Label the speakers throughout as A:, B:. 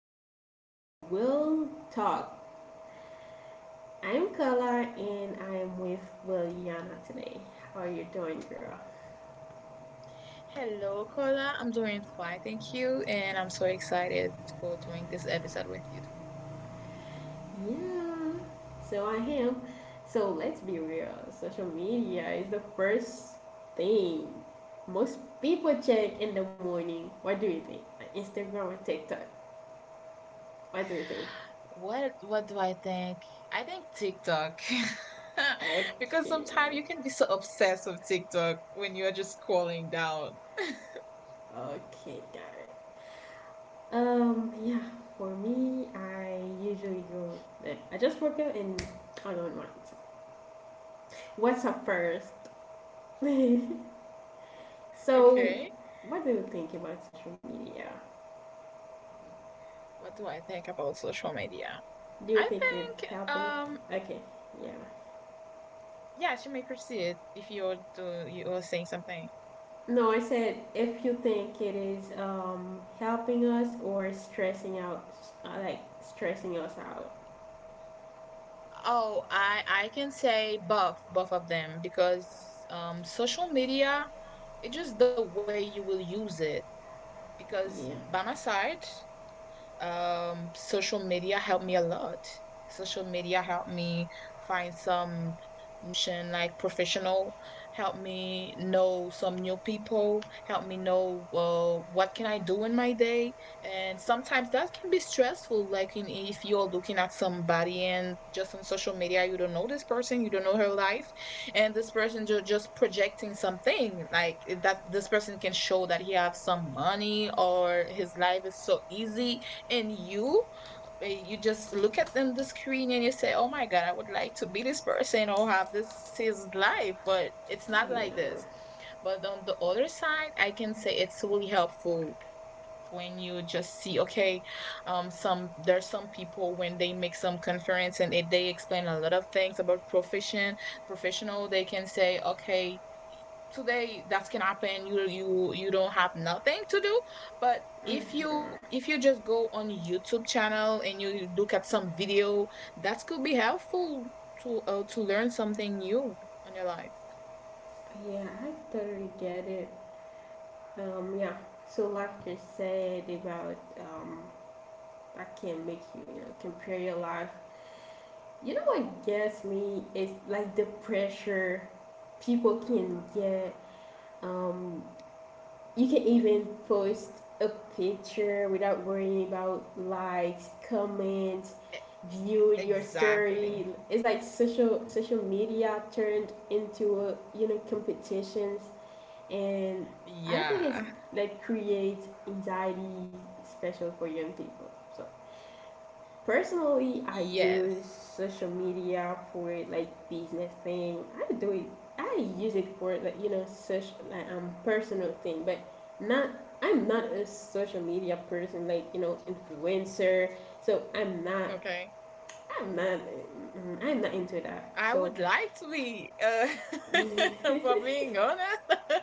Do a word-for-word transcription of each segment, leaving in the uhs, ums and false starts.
A: episode, The Will Talk. I'm Carla and I'm with Williana today. How are you doing, girl?
B: Hello, Kola. I'm doing fine, thank you, and I'm so excited for doing this episode with you.
A: Yeah, so I am. So let's be real, social media is the first thing most people check in the morning. What do you think? Like Instagram or TikTok? What do you think?
B: What what do I think? I think TikTok.
A: Okay,
B: Because sometimes you can be so obsessed with TikTok when you are just scrolling down.
A: okay, got it. Um, yeah, for me, I usually go. eh, I just work out and I don't mind. What's up first? so,
B: Okay.
A: what do you think about social media?
B: What do I think about social media?
A: Do you
B: I
A: think it
B: think
A: helping?
B: um
A: Okay, yeah.
B: yeah, she may proceed if you're do you are saying something.
A: No, I said if you think it is um, helping us or stressing out, uh, like stressing us out.
B: Oh, I I can say both both of them because um social media, it's just the way you will use it because
A: Yeah,
B: by my side. Um, social media helped me a lot. Social media helped me find some new option, like professional, helped me know some new people, helped me know uh, what can I do in my day. And sometimes that can be stressful. Like in, if you're looking at somebody and just on social media, you don't know this person, you don't know her life, and this person ju- just projecting something like eh, that. This person can show that he has some money or his life is so easy, and you uh, you just look at them the screen, and you say, "Oh my God, I would like to be this person or have this his life, but it's not
A: yeah,
B: like this." But on the other side, I can say it's really helpful when you just see, okay, um some there's some people when they make some conference, and it, they explain a lot of things about profession professional. They can say, okay, today that can happen. You you you don't have nothing to do, but if you if you just go on YouTube channel and you look at some video, that could be helpful to uh, to learn something new on your life.
A: yeah. I totally get it. Um, yeah. So, like you said about um, I can't make you, you know, compare your life. You know what gets me is like the pressure people can get. Um, you can even post a picture without worrying about likes, comments,
B: E-
A: view your
B: exactly.
A: story. It's like social social media turned into a, you know competitions, and I think it's
B: Yeah.
A: like creates anxiety, special for young people. So personally, I use
B: Yes.
A: social media for like business thing. I do it. I use it for like you know such like um personal thing, but not. I'm not a social media person, like you know influencer. So I'm not.
B: Okay.
A: I'm not. mm, I'm not into that.
B: I
A: So
B: would like to be, uh for being honest,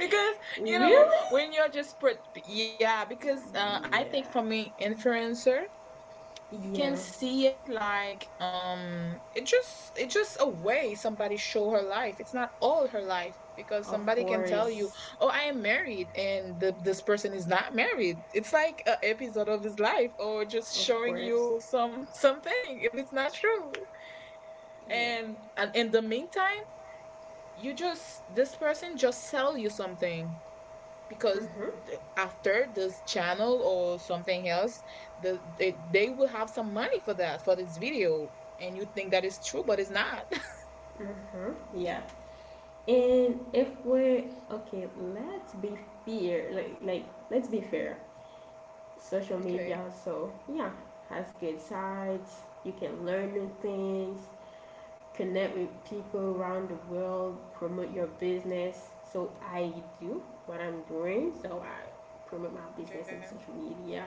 B: because you know
A: really,
B: when you're just put. Yeah. Because uh, I think for
A: yeah,
B: me, influencer, we can
A: yeah.
B: see it like um it just it's just a way somebody show her life. It's not all her life, because
A: Of
B: somebody can tell you,
A: course,
B: oh, I am married, and the, this person is not married. It's like a episode of his life, or just
A: of
B: showing
A: course,
B: you some something it is not true.
A: yeah.
B: And, and in the meantime, you just this person just sell you something, because
A: Mm-hmm.
B: th- after this channel or something else, the they, they will have some money for that for this video, and you think that is true, but it's not.
A: Mm-hmm, yeah. And if we're okay, let's be fair. Like like let's be fair. Social media,
B: Okay.
A: so yeah, has good sides. You can learn new things, connect with people around the world, promote your business. So I do what I'm doing. So I promote my
B: Okay.
A: business on social media,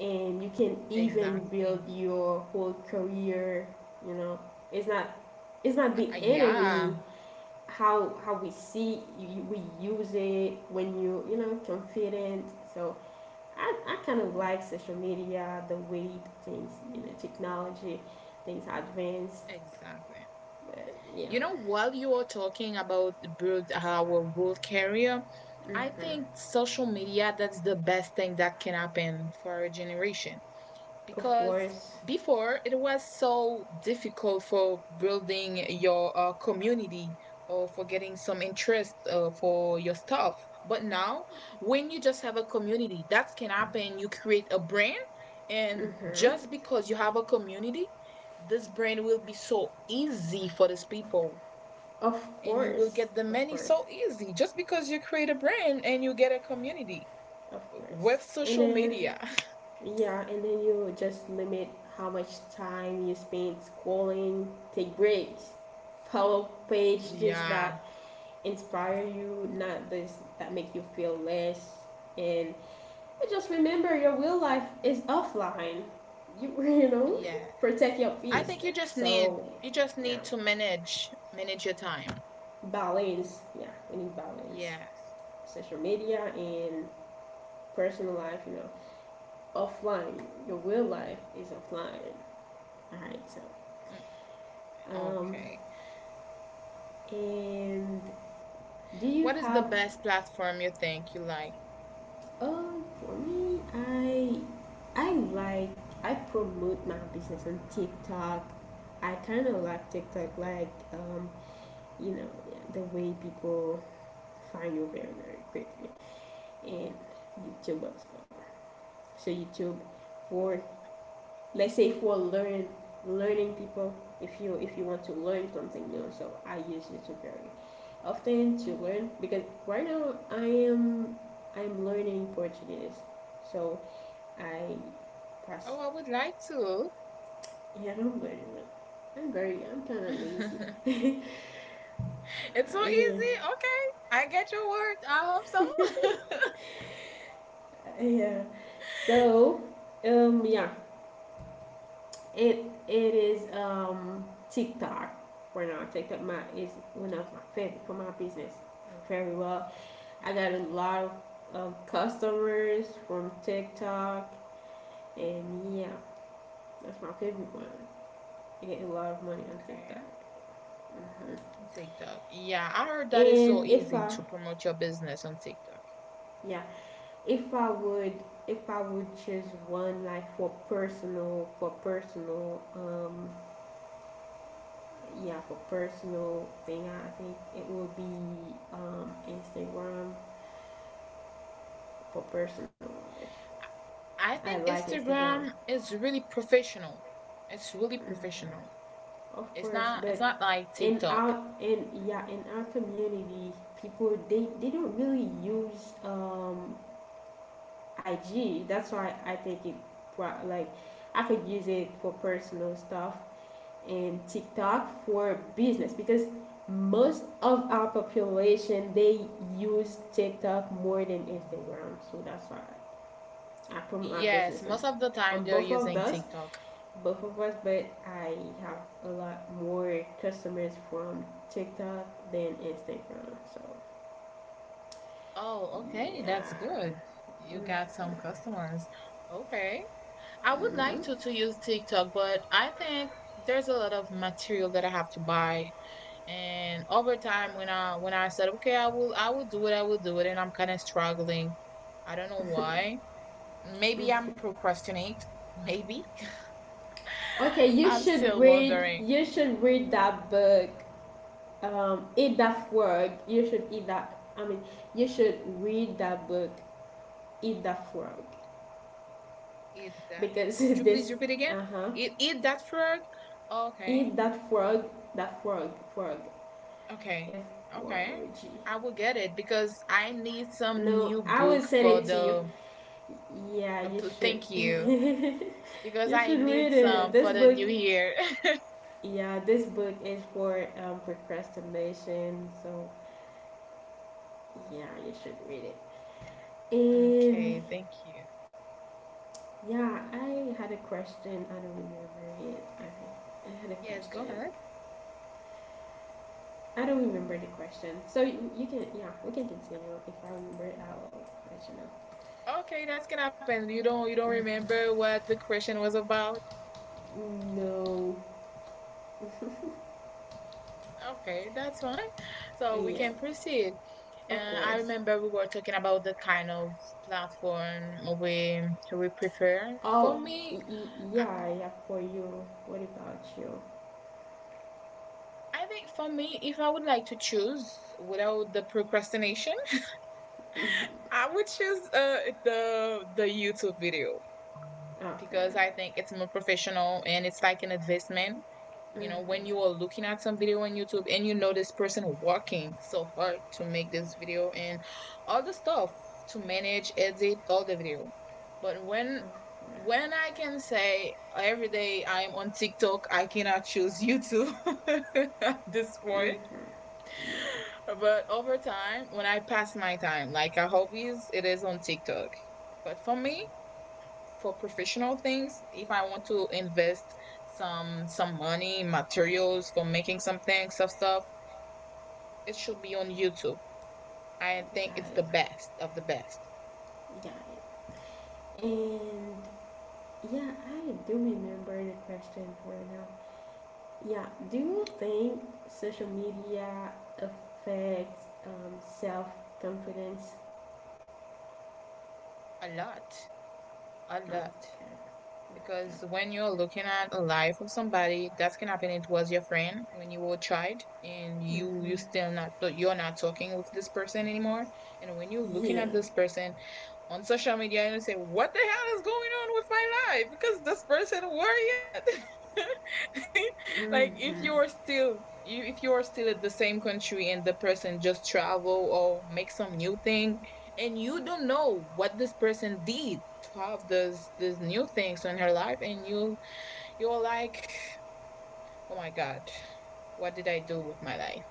A: and you can even build your whole career. You know, it's not it's not the
B: Yeah.
A: enemy how how we see you, we use it when you you know confident. So I, I kind of like social media, the way things you know technology, things advance.
B: Exactly.
A: But yeah,
B: You know, while you are talking about build our world career, I think social media, that's the best thing that can happen for our generation,
A: of
B: because
A: course,
B: before it was so difficult for building your uh, community, or for getting some interest uh, for your stuff. But now, when you just have a community, that can happen. You create a brand, and just because you have a community, this brand will be so easy for these people,
A: of
B: and you will
A: course,
B: get the
A: of
B: money
A: course,
B: so easy, just because you create a brand and you get a community
A: of
B: uh,
A: course.
B: with
A: And
B: social
A: then
B: media.
A: yeah, and then you just limit how much time you spend scrolling, take breaks, follow page, this
B: Yeah,
A: that. Inspire you, not this that make you feel less. And just remember, your real life is offline. You you know,
B: yeah.
A: protect your
B: I
A: peace.
B: think you just need,
A: So,
B: you just
A: yeah,
B: need to manage manage your time.
A: balance. Yeah, we need balance.
B: Yes.
A: Social media and personal life. You know, offline. Your real life is offline. All right. So,
B: Mm.
A: um,
B: Okay.
A: and do you
B: What is the
A: have
B: best platform you think you like?
A: Uh, for me, I I like I promote my business on TikTok. I kind of like TikTok,
B: TikTok.
A: like um, you know, the way people find you very very quickly, and YouTube as well. So YouTube for let's say for learn learning people. If you if you want to learn something new, so I use YouTube very often to learn because right now I am I'm learning Portuguese, so I pass.
B: Oh, I would like to.
A: Yeah, I'm very, I'm very, I'm kind of lazy.
B: It's so
A: Uh, yeah,
B: easy. Okay. I get your word. I hope so.
A: yeah. So, um, yeah, it it is um TikTok right now. TikTok my is one of my favorite for my business. Very well. I got a lot of um, customers from TikTok, and yeah, that's my favorite one. I get a lot of money on
B: Okay.
A: TikTok. Mhm.
B: TikTok. Yeah, I heard that is
A: And if I,
B: to promote your business on TikTok?
A: yeah, if I would if I would choose one like for personal for personal um yeah for personal thing I think it would be um Instagram for personal.
B: I
A: I
B: think
A: like Instagram,
B: Instagram is really professional. It's really
A: mm,
B: professional.
A: of
B: It's
A: course,
B: not
A: but
B: it's not like
A: in
B: TikTok.
A: our in yeah in our community people they they don't really use um I G. That's why I think it pro- like I could use it for personal stuff and TikTok for business because most of our population they use TikTok more than Instagram. So that's why I promote my
B: Yes,
A: business on,
B: most of the time
A: on
B: they're
A: both of
B: using
A: those,
B: TikTok.
A: both of us. But I have a lot more customers from TikTok than Instagram. So
B: Oh, okay, that's
A: yeah.
B: good. You got some customers. Okay. I would like
A: Mm-mm.
B: to to use TikTok, but I think there's a lot of material that I have to buy. And over time, when I when I said, okay, I will I will do it, I will do it, and I'm kind of struggling. I don't know why. Maybe I'm procrastinate. Maybe
A: Okay, you
B: I'm
A: should
B: still
A: read.
B: wondering.
A: You should read that book. um, eat that frog. You should eat that. I mean, you should read that book. Eat that frog
B: Eat that.
A: because
B: Could you please
A: this.
B: repeat again?
A: Uh huh.
B: Eat eat that frog. Okay,
A: Eat that frog. That frog. Frog.
B: okay,
A: F R
B: okay.
A: O G.
B: I will get it because I need some
A: No,
B: new
A: I will
B: book
A: send
B: for
A: it to you.
B: the.
A: Yeah,
B: uh,
A: you
B: pl-
A: should.
B: Thank you, because
A: you
B: I,
A: should read it.
B: um,
A: This
B: for the
A: book.
B: new year.
A: Yeah, this book is for um, procrastination. So yeah, you should read it. And
B: Okay, thank you.
A: yeah, I had a question. I don't remember it. I, I had a
B: Yes,
A: question.
B: go ahead.
A: I don't remember the question. So you, you can, yeah, we can continue. If I remember it, I'll let
B: Okay, that's gonna happen. You don't you don't
A: you
B: remember what the question was about?
A: know. No.
B: Okay, that's fine. So we
A: Yeah,
B: can proceed.
A: of
B: Uh, I
A: course.
B: remember we were talking about the kind of platform we we prefer.
A: Oh,
B: Me,
A: y- y-
B: I
A: yeah, yeah, for you. What about you?
B: I think for me, if I would like to choose without the procrastination, I would choose uh, the the YouTube video, because I
A: Okay.
B: think it's more professional and it's like an investment. You know, when you are
A: Mm-hmm.
B: looking at some video on YouTube, and you know this person working so hard to make this video and all the stuff to manage edit all the video. But when
A: Of course.
B: when I can say every day I am on TikTok, I cannot choose YouTube at this
A: Mm-hmm.
B: point.
A: Yeah,
B: But over time, when I pass my time like a hobbies, it is on TikTok. But for me, for professional things, if I want to invest some some money materials for making some things stuff stuff, it should be on YouTube. I think
A: got
B: it's the best of the best.
A: it. Got it. And yeah, I do remember the question right now. Yeah. Do you think social media affects um, self confidence?
B: A lot. A
A: Okay.
B: lot.
A: Okay.
B: Because when you're looking at a life of somebody, that's can happen. It was your friend when you were a child, and you you
A: Hmm.
B: still not you're not talking with this person anymore. And when you're looking
A: Yeah.
B: at this person on social media, you say, "What the hell is going on with my life?" Because this person, where yet? Like, if
A: Mm-hmm.
B: you're still you if you're still at the same country, and the person just travel or make some new thing, and you don't know what this person did to have this this new things in her life, and you you're like, oh my God, what did I do with my life?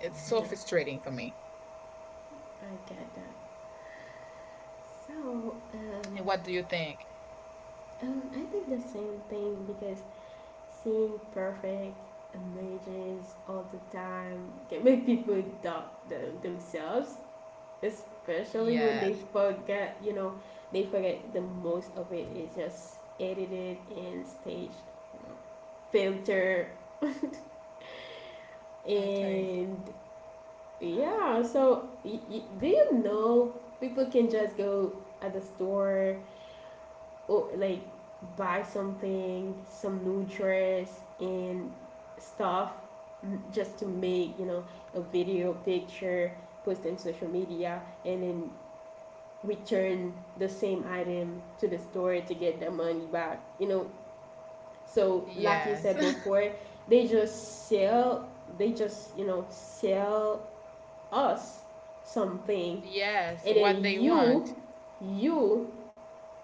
B: It's so
A: Yeah.
B: frustrating for me.
A: I get that. So,
B: And
A: um,
B: what do you think?
A: um, I think the same thing because seeing perfect images all the time can make people doubt the, themselves, especially when they
B: Yes.
A: forget you know they forget the most of it is just edited and staged, you know, filter
B: Okay.
A: and yeah. So y- y- do you know people can just go at the store or like buy something, some new dress and stuff, m- just to make you know a video picture, post in social media, and then return the same item to the store to get the money back. You know, so like you
B: Yes.
A: said before, they just sell, they just you know sell us something,
B: Yes.
A: and
B: What
A: then
B: they want.
A: you, you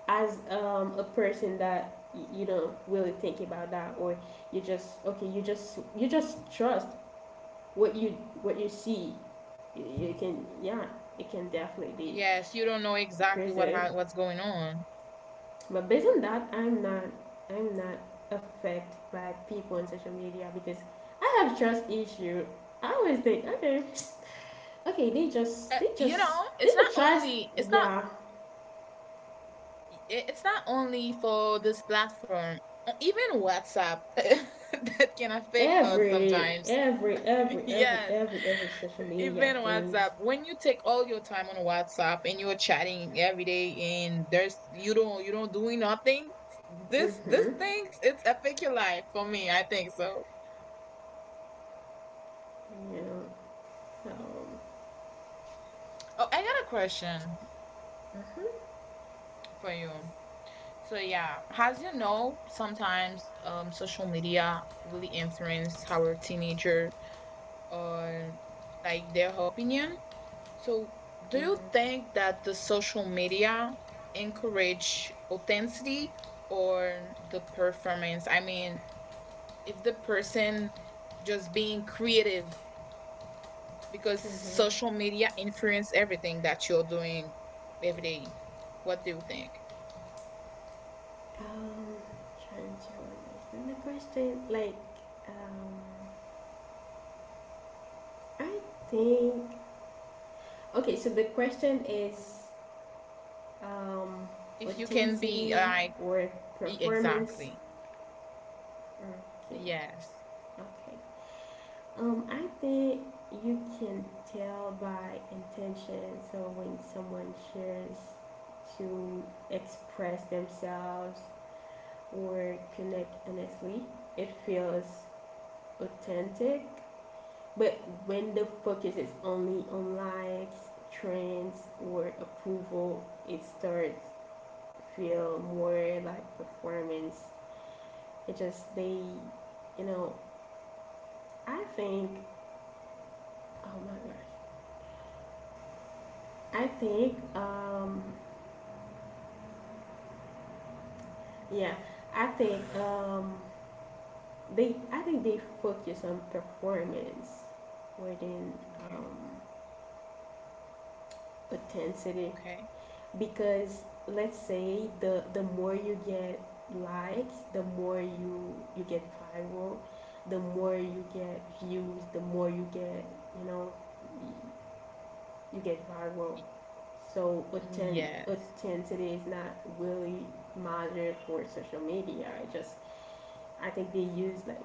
A: as um, a person that y- you don't really think about that, or you just okay, you just you just trust what you what you see. You, you can yeah, it can definitely be
B: Yes. You don't know exactly what
A: crazy.
B: ha- what's going on.
A: But based on that, I'm not I'm not affected by people on social media because I have trust issue. I always think, okay, okay, they just
B: Uh,
A: they
B: you
A: just
B: know,
A: they
B: it's not
A: don't trust
B: only it's not
A: yeah.
B: i- it's not only for this platform, uh, even WhatsApp that can affect
A: Every
B: sometimes.
A: every every every
B: Yes,
A: every every social media
B: even
A: things.
B: WhatsApp. When you take all your time on WhatsApp and you're chatting every day, and there's you don't you don't doing nothing, this this
A: Mm-hmm.
B: things, it's affect your life for me. I think so.
A: Yeah. So
B: Oh, I got a question
A: mm-hmm.
B: for you. So yeah, as you know, sometimes um social media really influence how our teenager or like their opinion. So, do you
A: Mm-hmm.
B: think that the social media encourage authenticity or the performance? I mean, if the person just being creative, because
A: Mm-hmm.
B: social media influence everything that you're doing every day. What do you think?
A: Um trying to understand the question. Like um I think okay, so the question is um,
B: If you can be
A: authenticity
B: like,
A: or performance.
B: exactly.
A: Okay,
B: Yes.
A: okay. Um, I think you can tell by intention. So when someone shares to express themselves or connect honestly, it feels authentic. But when the focus is only on likes, trends, or approval, it starts feel more like performance. It just they, you know, I think. Oh my gosh, I think. Um, yeah, I think. Um, they. I think they focus on performance more than um,
B: Okay.
A: intensity
B: Okay.
A: because let's say the the more you get likes, the more you you get viral, the more you get views, the more you get you know you get viral.
B: Y-
A: So authen-
B: Yes.
A: authenticity is not really measured for social media. I just I think they use like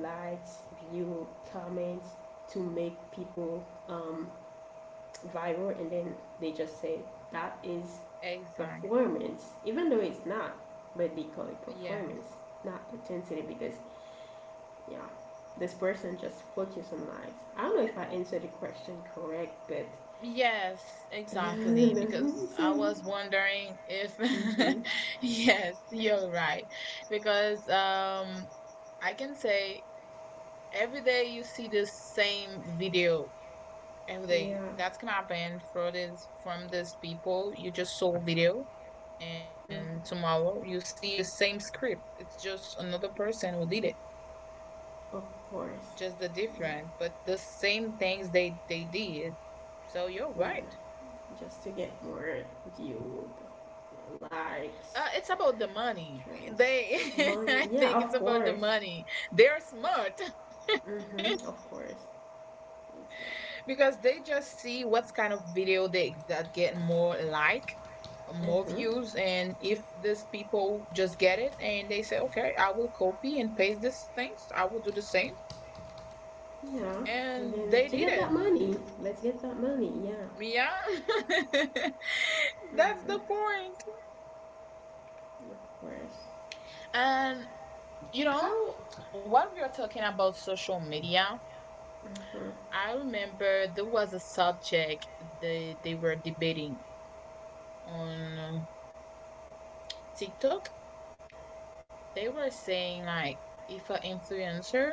A: likes, view, comments to make people um, viral, and then they just say that is
B: Exactly.
A: performance, even though it's not. But they call it performance,
B: Yes.
A: not authenticity, because yeah, this person just focus on likes. I don't know if I answered the question correct, but
B: Yes,
A: yeah, I don't
B: exactly. Because
A: know.
B: I
A: So,
B: was wondering if,
A: mm-hmm.
B: yes, you're right. Because um, I can say every day you see the same video every day.
A: Yeah,
B: That's gonna happen for this from these people. You just saw video, and
A: mhm,
B: tomorrow you see the same script. It's just another person who did it.
A: of course.
B: Just the
A: Yeah,
B: different, but the same things they they did. So you're right.
A: yeah. Just to get more view, likes,
B: Uh, it's about the money.
A: trends,
B: They,
A: money.
B: I
A: Yeah,
B: think
A: of
B: it's about the
A: course.
B: money. They're smart
A: Hmm, of course.
B: because they just see what kind of video they that get more like, more
A: Mm-hmm.
B: views, and if these people just get it and they say, okay, I will copy and paste these things. I will do the same,
A: Yeah. And
B: and
A: then
B: they
A: to
B: did
A: get that
B: it.
A: money, let's get that money. Yeah.
B: Yeah, that's the
A: Hmm,
B: point.
A: of course.
B: And you know,
A: How?
B: while we are talking about social media,
A: Hmm.
B: I remember there was a subject they they were debating on uh, TikTok. They were saying like, if an influencer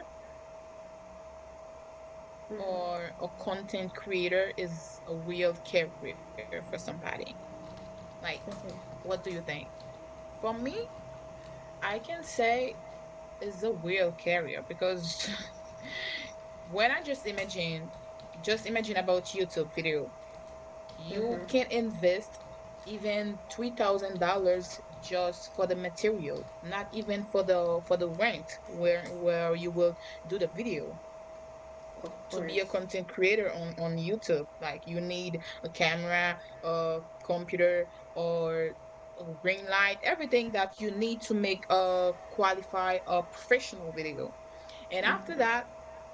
A: Hmm.
B: or a content creator is a real career for somebody. Like,
A: Okay.
B: what do you think? For me, I can say it's a real career, because when I just imagine, just imagine about YouTube video, you
A: Hmm.
B: can invest even three thousand dollars just for the material, not even for the for the rent where where you will do the video.
A: Of
B: To be a
A: course.
B: content creator on on YouTube, like you need a camera, a computer, or a ring light, everything that you need to make a qualify a professional video. And after
A: Hmm.
B: that,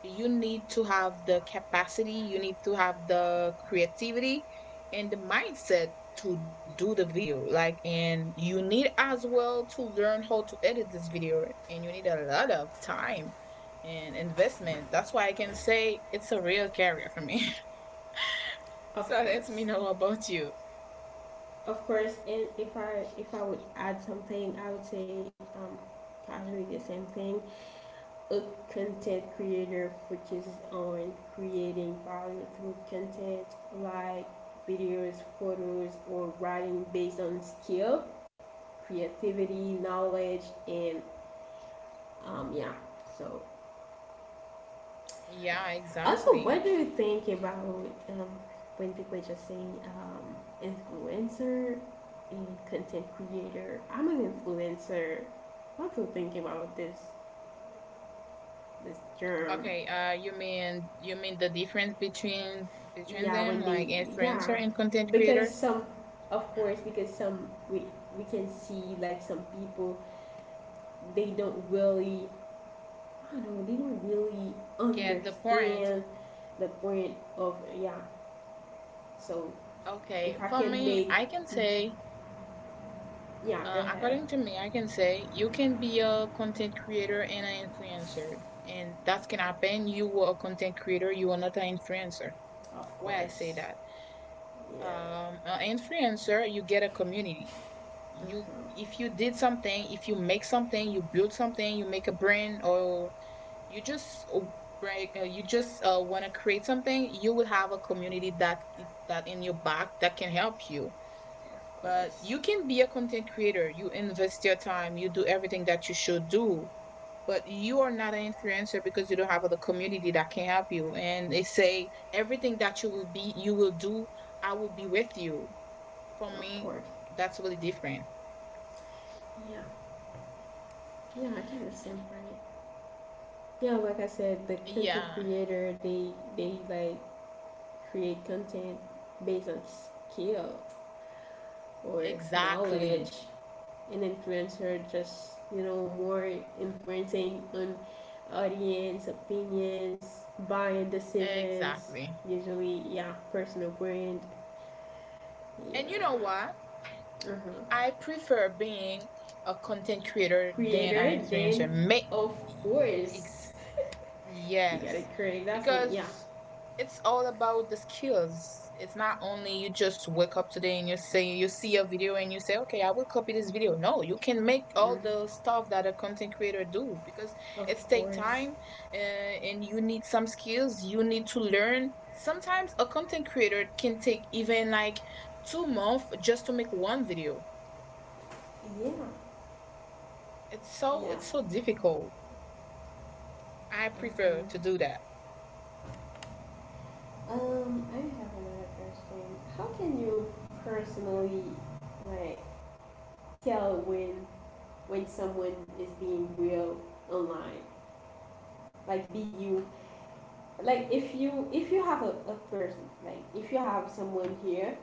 B: you need to have the capacity, you need to have the creativity and the mindset to do the video. Like, and you need as well to learn how to edit this video, and you need a lot of time and investment. That's why I can say it's a real career for me.
A: Of
B: So let me
A: course.
B: know about you.
A: Of course, and if I if I would add something, I would say um, casually the same thing. A content creator focuses on creating value through content like videos, photos, or writing based on skill, creativity, knowledge, and um, yeah. So
B: Yeah, exact.
A: also, what do you think about um, when people are just saying um, influencer a content creator. I'm an influencer. I'm still thinking about this this
B: Okay,
A: term?
B: uh you mean you mean the difference between between them,
A: Yeah, when
B: like
A: they
B: influencer
A: yeah,
B: and content creator?
A: because some of course because some we we can see like some people they don't really I don't know they don't really
B: The point.
A: understand the point of yeah. So if
B: Okay,
A: I
B: for
A: can
B: me,
A: make
B: I can say,
A: yeah, go
B: uh,
A: ahead.
B: according to me, I can say you can be a content creator and an influencer, and that can happen. You were a content creator, you are not an influencer.
A: Of
B: Why I say
A: course.
B: that?
A: Yeah.
B: Um, an influencer, you get a community. You,
A: Mhm.
B: if you did something, if you make something, you build something, you make a brand, or you just uh, like uh, you just uh, want to create something, you will have a community that that in your back that can help you.
A: Of
B: But
A: course.
B: you can be a content creator. You invest your time, you do everything that you should do, but you are not an influencer because you don't have the community that can help you. And they say everything that you will be you will do, I will be with you. For
A: Of
B: me,
A: course.
B: that's really different.
A: Yeah. Yeah, I think the same right. Yeah, like I said, the content
B: Yeah,
A: creator they they like create content based on skill or
B: exactly.
A: knowledge. An influencer just you know more influencing on audience opinions, buying decisions.
B: Exactly.
A: Usually, yeah, personal brand. Yeah,
B: And you know what?
A: uh-huh.
B: I prefer being a content creator than an
A: Creator.
B: influencer.
A: Then
B: Make
A: of course you gotta
B: yes.
A: create. That's me. Yeah,
B: Because it's all about the skills. It's not only you just wake up today and you say you see a video and you say, okay, I will copy this video. No, you can make
A: mm,
B: all the stuff that a content creator do because
A: of
B: it's take
A: course.
B: time uh, and you need some skills. You need to learn. Sometimes a content creator can take even like two months just to make one video.
A: Yeah.
B: It's so
A: Yeah.
B: it's so difficult. I prefer to do
A: Hmm.
B: that.
A: Um, I have another question. How can you personally like tell when when someone is being real online? Like be you like if you if you have a, a person, like if you have someone here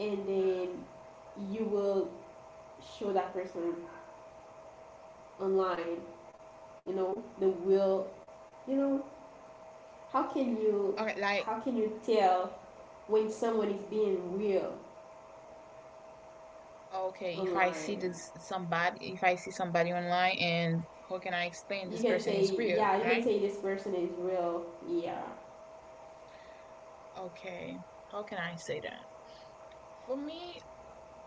A: and then you will show that person online, you know, the will you know, how can you
B: Okay, like
A: how can you tell when someone is being real
B: okay, if I see
A: online?
B: this somebody, if I see somebody online, and how can I explain
A: You
B: this
A: can
B: person is
A: say
B: real,
A: yeah you can
B: right?
A: say this person is real yeah.
B: Okay, how can I say that? For me,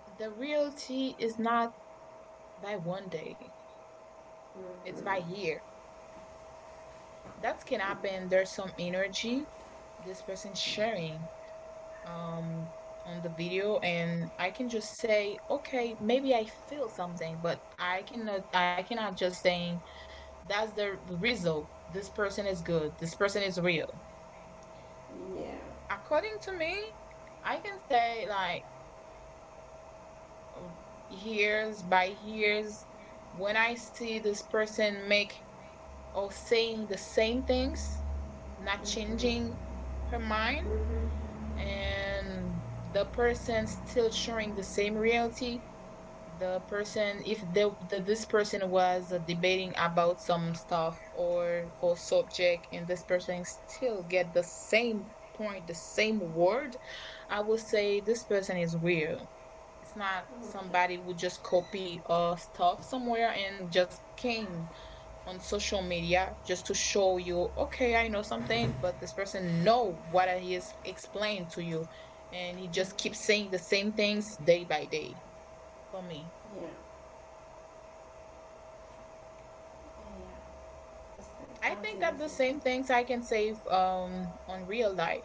B: the reality is not by one day; it's by
A: Mm-hmm.
B: year. That can happen. There's some energy this person sharing, um on the video, and I can just say, okay, maybe I feel something, but I cannot I cannot just saying that's the result. This person is good. This person is real.
A: Yeah.
B: According to me, I can say like years by years when I see this person make or saying the same things, not changing
A: Mm-hmm.
B: her mind,
A: Mm-hmm.
B: and the person still showing the same reality. The person, if the, the this person was uh, debating about some stuff or for subject, and this person still get the same point, the same word, I would say this person is real. It's not
A: Okay.
B: somebody who just copy uh stuff somewhere and just came on social media just to show you, okay, I know something. But this person know what he is explained to you, and he just keeps
A: Mm-hmm.
B: saying the same things day by day. For me,
A: Yeah, yeah, yeah. That's good,
B: I
A: I would say
B: think
A: the
B: that the
A: same thing.
B: same things I can save um on real life.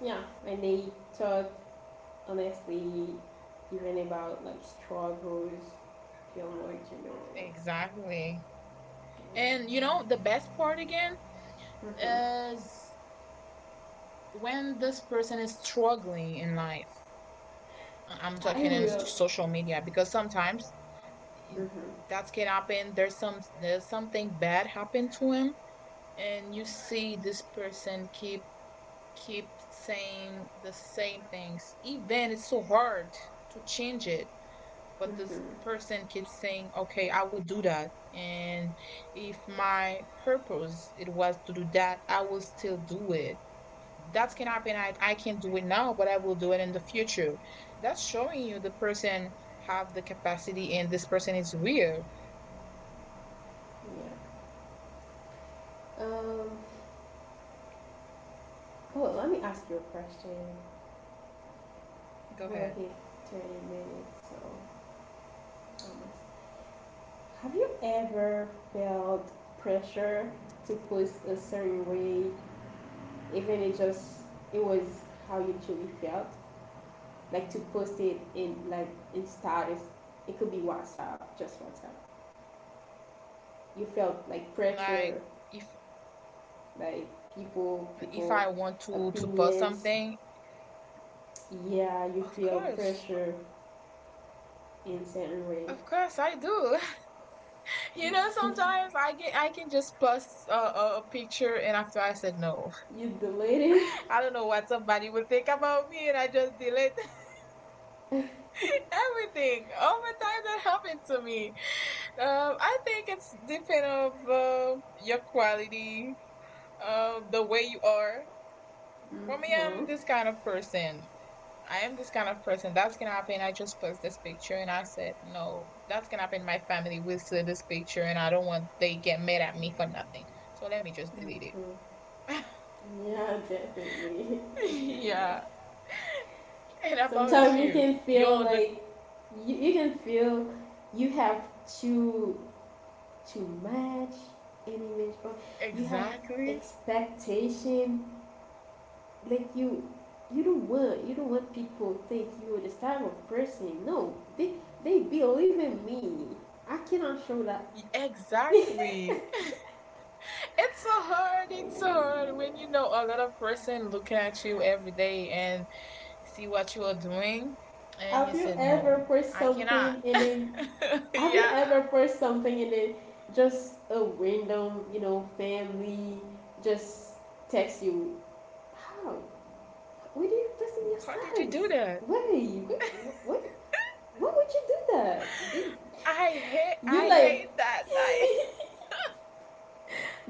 A: Yeah, when they talk honestly, even about like struggles, feel more general.
B: Exactly. And you
A: Yeah.
B: know, the best part again
A: Mm-hmm.
B: is when this person is struggling in life. I- I'm
A: I
B: talking in s-
A: will.
B: social media because sometimes
A: Mm-hmm.
B: that can happen. There's some there's something bad happened to him, and you see this person keep keep saying the same things. Even it's so hard to change it. But this
A: Mm-hmm.
B: person keeps saying, okay, I will do that, and if my purpose it was to do that, I will still do it. That can happen. I, I can't do it now, but I will do it in the future. That's showing you the person have the capacity, and this person is real.
A: Yeah. um oh, let me ask you a question.
B: Go
A: We're
B: ahead.
A: like at thirty minutes, so have you ever felt pressure to post a certain way, even it just it was how you truly felt, like to post it in like in status? It could be WhatsApp, just WhatsApp. You felt like
B: Like,
A: pressure,
B: if
A: like people,
B: if
A: people,
B: I want to to post
A: opinions.
B: something,
A: Yeah, you
B: of
A: feel
B: course,
A: pressure in certain way.
B: of course I do. You know, sometimes I get I can just post a, a, a picture, and after I said, no,
A: You deleted it.
B: I don't know what somebody would think about me, and I just delete everything. Over time, that happened to me. Um, I think it's depend of uh, your quality, uh, the way you are. For me,
A: Mm-hmm.
B: I'm this kind of person. I am this kind of person. That's gonna happen. I just post this picture, and I said, no, that's gonna happen. My family will see this picture, and I don't want they get mad at me for nothing. So let me just delete
A: Mm-hmm.
B: it.
A: Yeah, definitely agree with
B: Yeah.
A: that.
B: And about
A: Sometimes you
B: you,
A: can feel
B: yo, the.
A: like you, you can feel you have to to match an image, or you have
B: Exactly,
A: expectation, like you you don't want you don't want people think you're this type of person. No, they they believe in me, I cannot show that.
B: exactly. It's so hard. It's so hard when you know a lot of person looking at you every day and see what you are doing, and
A: Have
B: you,
A: you ever posted
B: I cannot.
A: something and then, have you
B: Yeah.
A: ever pressed something and then just a random, you know, family just text you? How? Why do you press in your
B: How did you
A: status?
B: do that?
A: Why? Wait, wait, why would you do that? Did
B: I hate.
A: you
B: I
A: like
B: hate that. I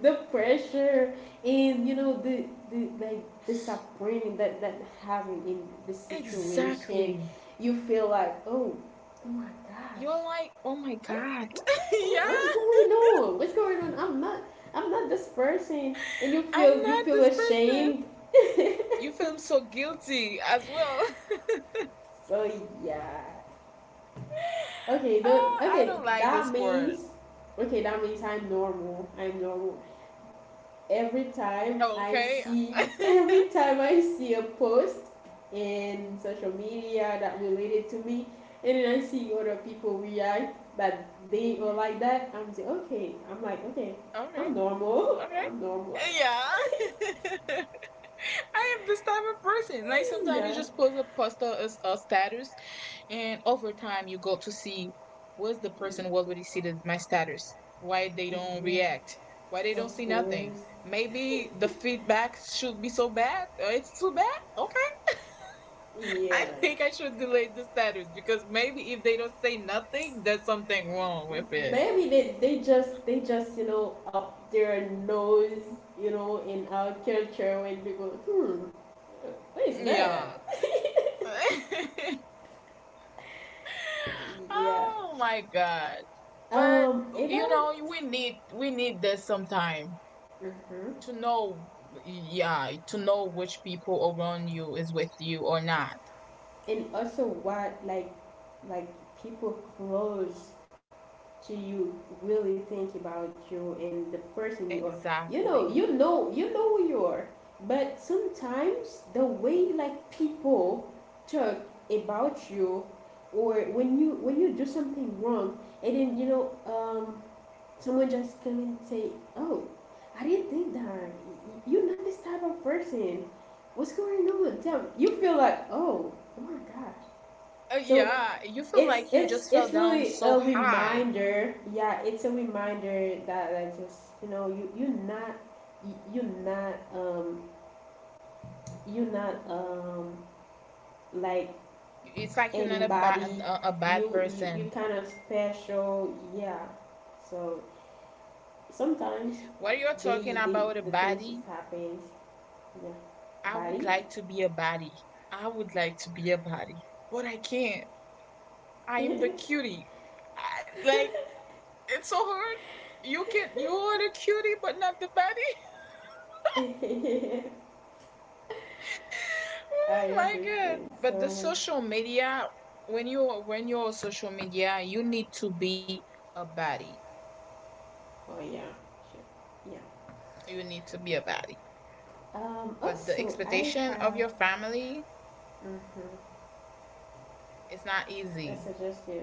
A: the pressure, and you know the the like the suffering that that happened in this situation?
B: exactly.
A: You feel like, oh, oh my gosh.
B: You're like, oh my
A: Hey,
B: God.
A: what,
B: Yeah.
A: what is going on? What's going on? I'm not. I'm not this person, and you
B: I'm
A: feel you
B: not
A: feel
B: this person.
A: ashamed.
B: You feel so guilty as well.
A: So yeah. Okay. The
B: Uh, I
A: okay.
B: don't like this
A: That
B: sport.
A: means. Okay, that means I'm normal. I'm normal. Every time
B: Oh,
A: I
B: okay.
A: see,
B: Okay.
A: every time I see a post in social media that related to me, and then I see other people react that they are like that, I'm just okay. I'm like okay.
B: Okay.
A: I'm normal. I'm normal.
B: Yeah. I am this type of person. Like, sometimes you
A: Yeah.
B: just post a post a a status, and over time you go to see what's the person, what would he see that my status? Why they don't
A: Yeah.
B: react? Why they
A: Of
B: don't see nothing?
A: course.
B: Maybe the feedback should be so bad. Uh, It's too bad. Okay. I
A: Yeah.
B: think I should delete the status because maybe if they don't say nothing, there's something wrong with it.
A: Maybe they, they just they just you know up their nose. You know, in our culture when we go, hmm, what is
B: Yeah.
A: that. Yeah.
B: Oh my God. But
A: um
B: you
A: about
B: know, we need we need this sometime to know, yeah, to know which people around you is with you or not.
A: And also what like like people clothes to you really think about you and the person you are. You know,
B: Exactly.
A: you know, you know who you are. But sometimes the way like people talk about you, or when you when you do something wrong, and then you know, um, someone just come and say, "Oh, I didn't think that. You're not this type of person. What's going on?" Tell you feel like, "Oh, oh my gosh."
B: Uh,
A: So
B: yeah, you feel
A: it's
B: like you
A: it's
B: just fell
A: it's
B: down
A: really
B: so
A: a
B: high.
A: reminder. Yeah, it's a reminder that like just you know you you're not you, you're not um you're not um like
B: It's like you're not a bad
A: anybody.
B: a, a bad
A: You you
B: person.
A: you kind of special. Yeah. So sometimes
B: What you're
A: they
B: talking
A: they
B: about a
A: the things
B: body,
A: that happens. Yeah,
B: I would
A: body.
B: like to be a body. I would like to be a body, but I can't. I am the cutie. I, like it's so hard. You can you are the cutie, but not the baddie. Oh
A: I
B: my God!
A: understand.
B: But the
A: So
B: social media, when you are- when you're on social media, you need to be a baddie.
A: oh yeah, sure. Yeah.
B: You need to be a baddie.
A: Um.
B: But the
A: Also, I
B: expectation of
A: have
B: your family
A: Mm-hmm.
B: is not
A: I
B: easy.
A: suggest you.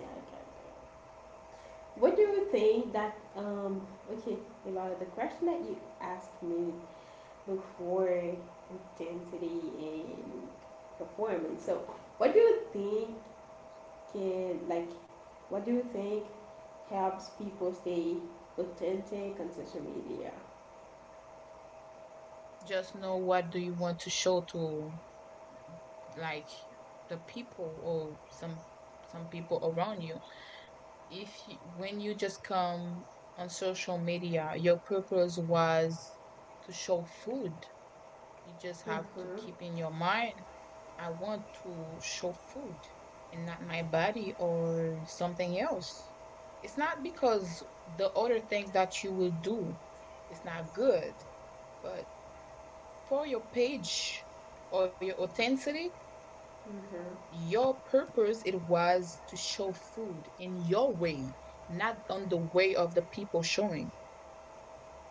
A: Yeah, I can do. What do you think that um okay about the question that you asked me before, intensity and performance? So, what do you think can like what do you think helps people stay authentic on social media?
B: Just know what do you want to show to, like, the people or some some people around you. If you, when you just come on social media, your purpose was to show food. You just have to
A: Mm-hmm.
B: keep in your mind, I want to show food and not my body or something else. It's not because the other things that you will do is not good, but for your page or your authenticity,
A: Mm-hmm.
B: your purpose it was to show food in your way, not on the way of the people showing.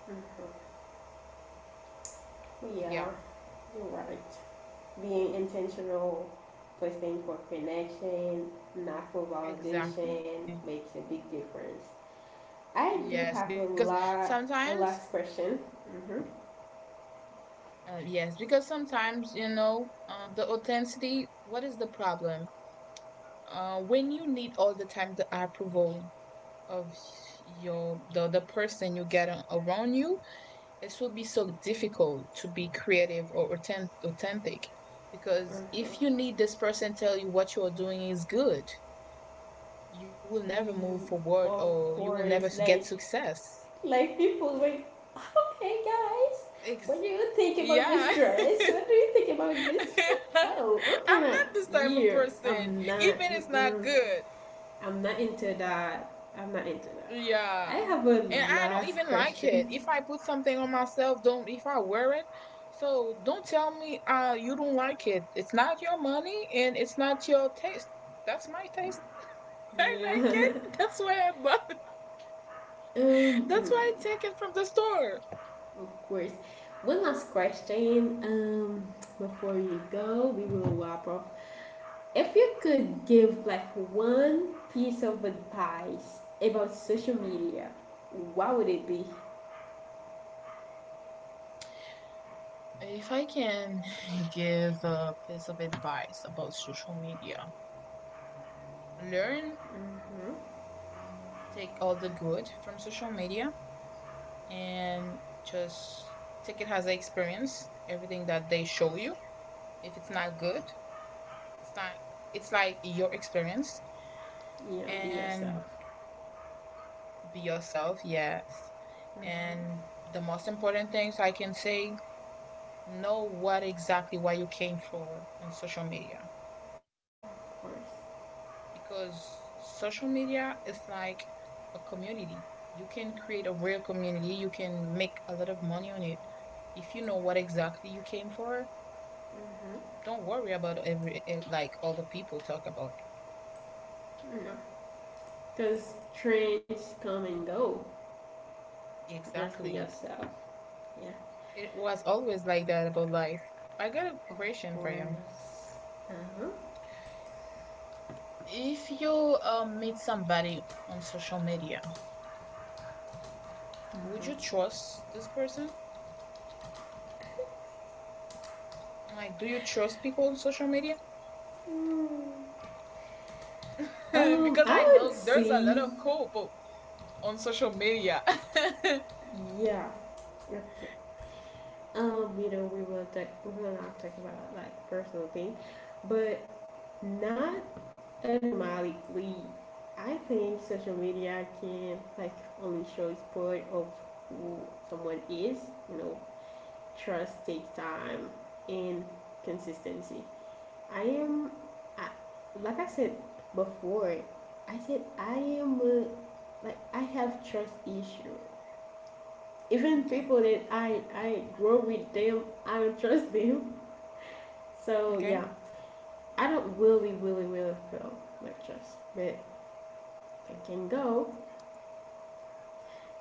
A: Mm-hmm. Yeah,
B: Yeah,
A: you're right. Being intentional for staying for connection, not for
B: exactly.
A: validation, makes a big difference. I do
B: Yes,
A: have a
B: because
A: lot, a
B: sometimes,
A: last question. Mm-hmm.
B: uh, yes, because sometimes, you know, um, the authenticity, what is the problem? Uh, when you need all the time the approval of your the the person you get a- around you, it will be so difficult to be creative or authen- authentic. Because
A: Mm-hmm.
B: if you need this person tell you what you're doing is good, you will
A: We,
B: never move forward
A: of
B: or you will never
A: course,
B: s- get
A: like,
B: success.
A: like people like, okay, guys,
B: Ex-
A: what do you think about
B: yeah.
A: this dress? What do you think about this?
B: I'm
A: Oh, I'm kind of
B: not this type of
A: yeah.
B: person.
A: I'm not.
B: Even it's not
A: Mm-mm,
B: good.
A: I'm not into that. I'm not into that. I
B: Yeah.
A: have a
B: And I don't
A: last
B: even like it.
A: question.
B: If I put something on myself, don't if I wear it, so don't tell me uh you don't like it. It's not your money and it's not your taste. That's my taste. I like
A: Yeah.
B: it. That's why I bought it.
A: um,
B: That's
A: mm,
B: why I take it from the store.
A: of course. One last question. Um, before you go, we will wrap up. If you could give like one piece of advice about social media, what would it be?
B: If I can give a piece of advice about social media, learn, take all the good from social media, and just take it as an experience. Everything that they show you, if it's not good, it's not. It's like your experience,
A: Yeah, be
B: and
A: yourself.
B: be yourself. Yes, and
A: Mhm,
B: the most important things I can say: know what exactly why you came for on social media,
A: of course.
B: because social media is like a community. You can create a real community. You can make a lot of money on it if you know what exactly you came for.
A: Mm-hmm.
B: Don't worry about every and, like, all the people talk about
A: No. Because trends come and go.
B: it.
A: Just be
B: Exactly.
A: yourself. Yeah.
B: It was always like that about life. I got a
A: Of
B: question for
A: course.
B: you.
A: Uh
B: If you um, meet somebody on social media, would you
A: huh.
B: trust this person? Like, do you trust people on social media?
A: Mhm. Mm. Um,
B: Because I
A: I would
B: know there's a lot
A: say,
B: of cool people on social media.
A: yeah, okay. Um, you know, we will talk, we will not talk about like personal thing, but not automatically. I think social media can like only show part of who someone is. You know, trust takes time and consistency. I am, I, like I said before, I said I am a, like I have trust issue even
B: Okay,
A: people that I I grow with them, I don't trust them. So
B: okay,
A: yeah, I don't really really really feel like trust, but I can go.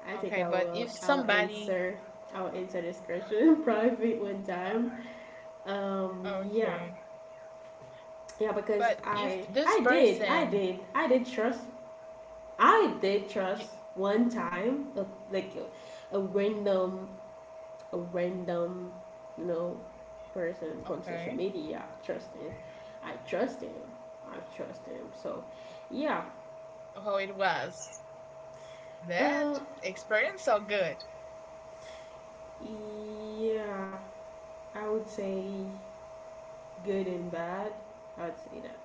A: I think
B: okay,
A: I
B: but
A: will
B: if
A: I will
B: somebody
A: answer I will answer this question probably one time.
B: uh,
A: Um yeah,
B: okay,
A: yeah, because
B: but
A: I
B: if
A: I
B: this
A: did I
B: person
A: did I did trust I did trust
B: you,
A: one time a, like a, a random a random, you know, person from social
B: okay,
A: media. I trust him. I trust him. I trust him. So, yeah.
B: how it was? That
A: Uh,
B: experience so good.
A: yeah. I would say good and bad. I would say that.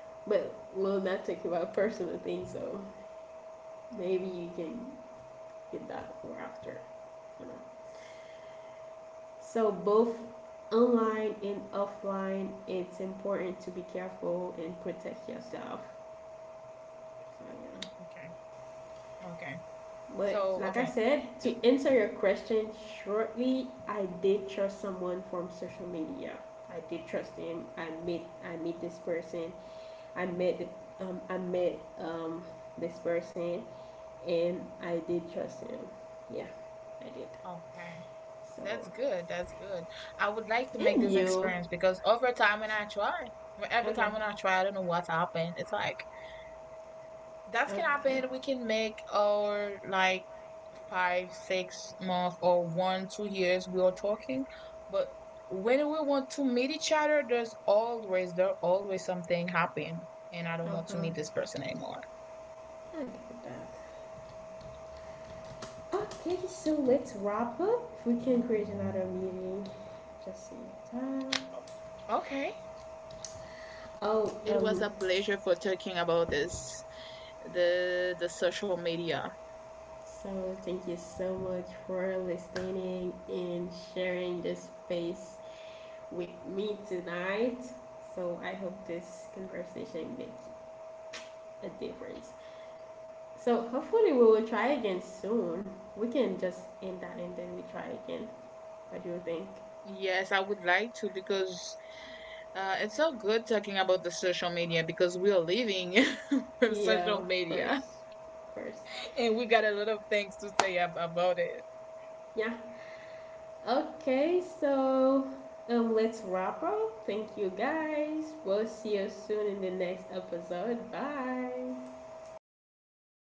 B: Good
A: But
B: experience.
A: we'll
B: So
A: not talk
B: why
A: about
B: not
A: personal
B: trust
A: things,
B: people on
A: so
B: social media if it was a good
A: maybe you
B: experience?
A: can get that for after. You know. So both online and offline, it's important to be careful and protect yourself. So yeah.
B: Okay. Okay.
A: But
B: So
A: like I
B: okay.
A: said, to
B: E-
A: answer your question shortly, I did trust someone from social media. I did trust him. I met I met this person. I met the, um I met um this person, and I did trust him. Yeah, I did.
B: Okay.
A: So
B: That's good. That's good. I would like to make
A: and
B: this
A: you.
B: experience because over time when I try, every time
A: Okay.
B: when I try, I don't know what happened. It's like that can
A: Okay.
B: happen. We can make our like five, six months or one, two years we are talking. But when we want to meet each other, there's always there always something happen. And I don't want to meet this
A: Okay.
B: person anymore.
A: I get that. Okay, so let's wrap up. We can create another meeting. Just see time.
B: Okay.
A: Oh,
B: It was
A: um,
B: a pleasure for talking about this, the the social media.
A: so thank you so much for listening and sharing this space with me tonight. So, I hope this conversation makes a difference. So, hopefully, we will try again soon. We can just end that and then we try again. What do you think?
B: Yes, I would like to because uh, it's so good talking about the social media because we are living with
A: Yeah,
B: social
A: of
B: media.
A: course. Of course.
B: And we got a lot of things to say ab- about it.
A: Yeah. Okay, so um, let's wrap up. Thank you guys. We'll see you soon in the next episode. Bye.
B: Bye.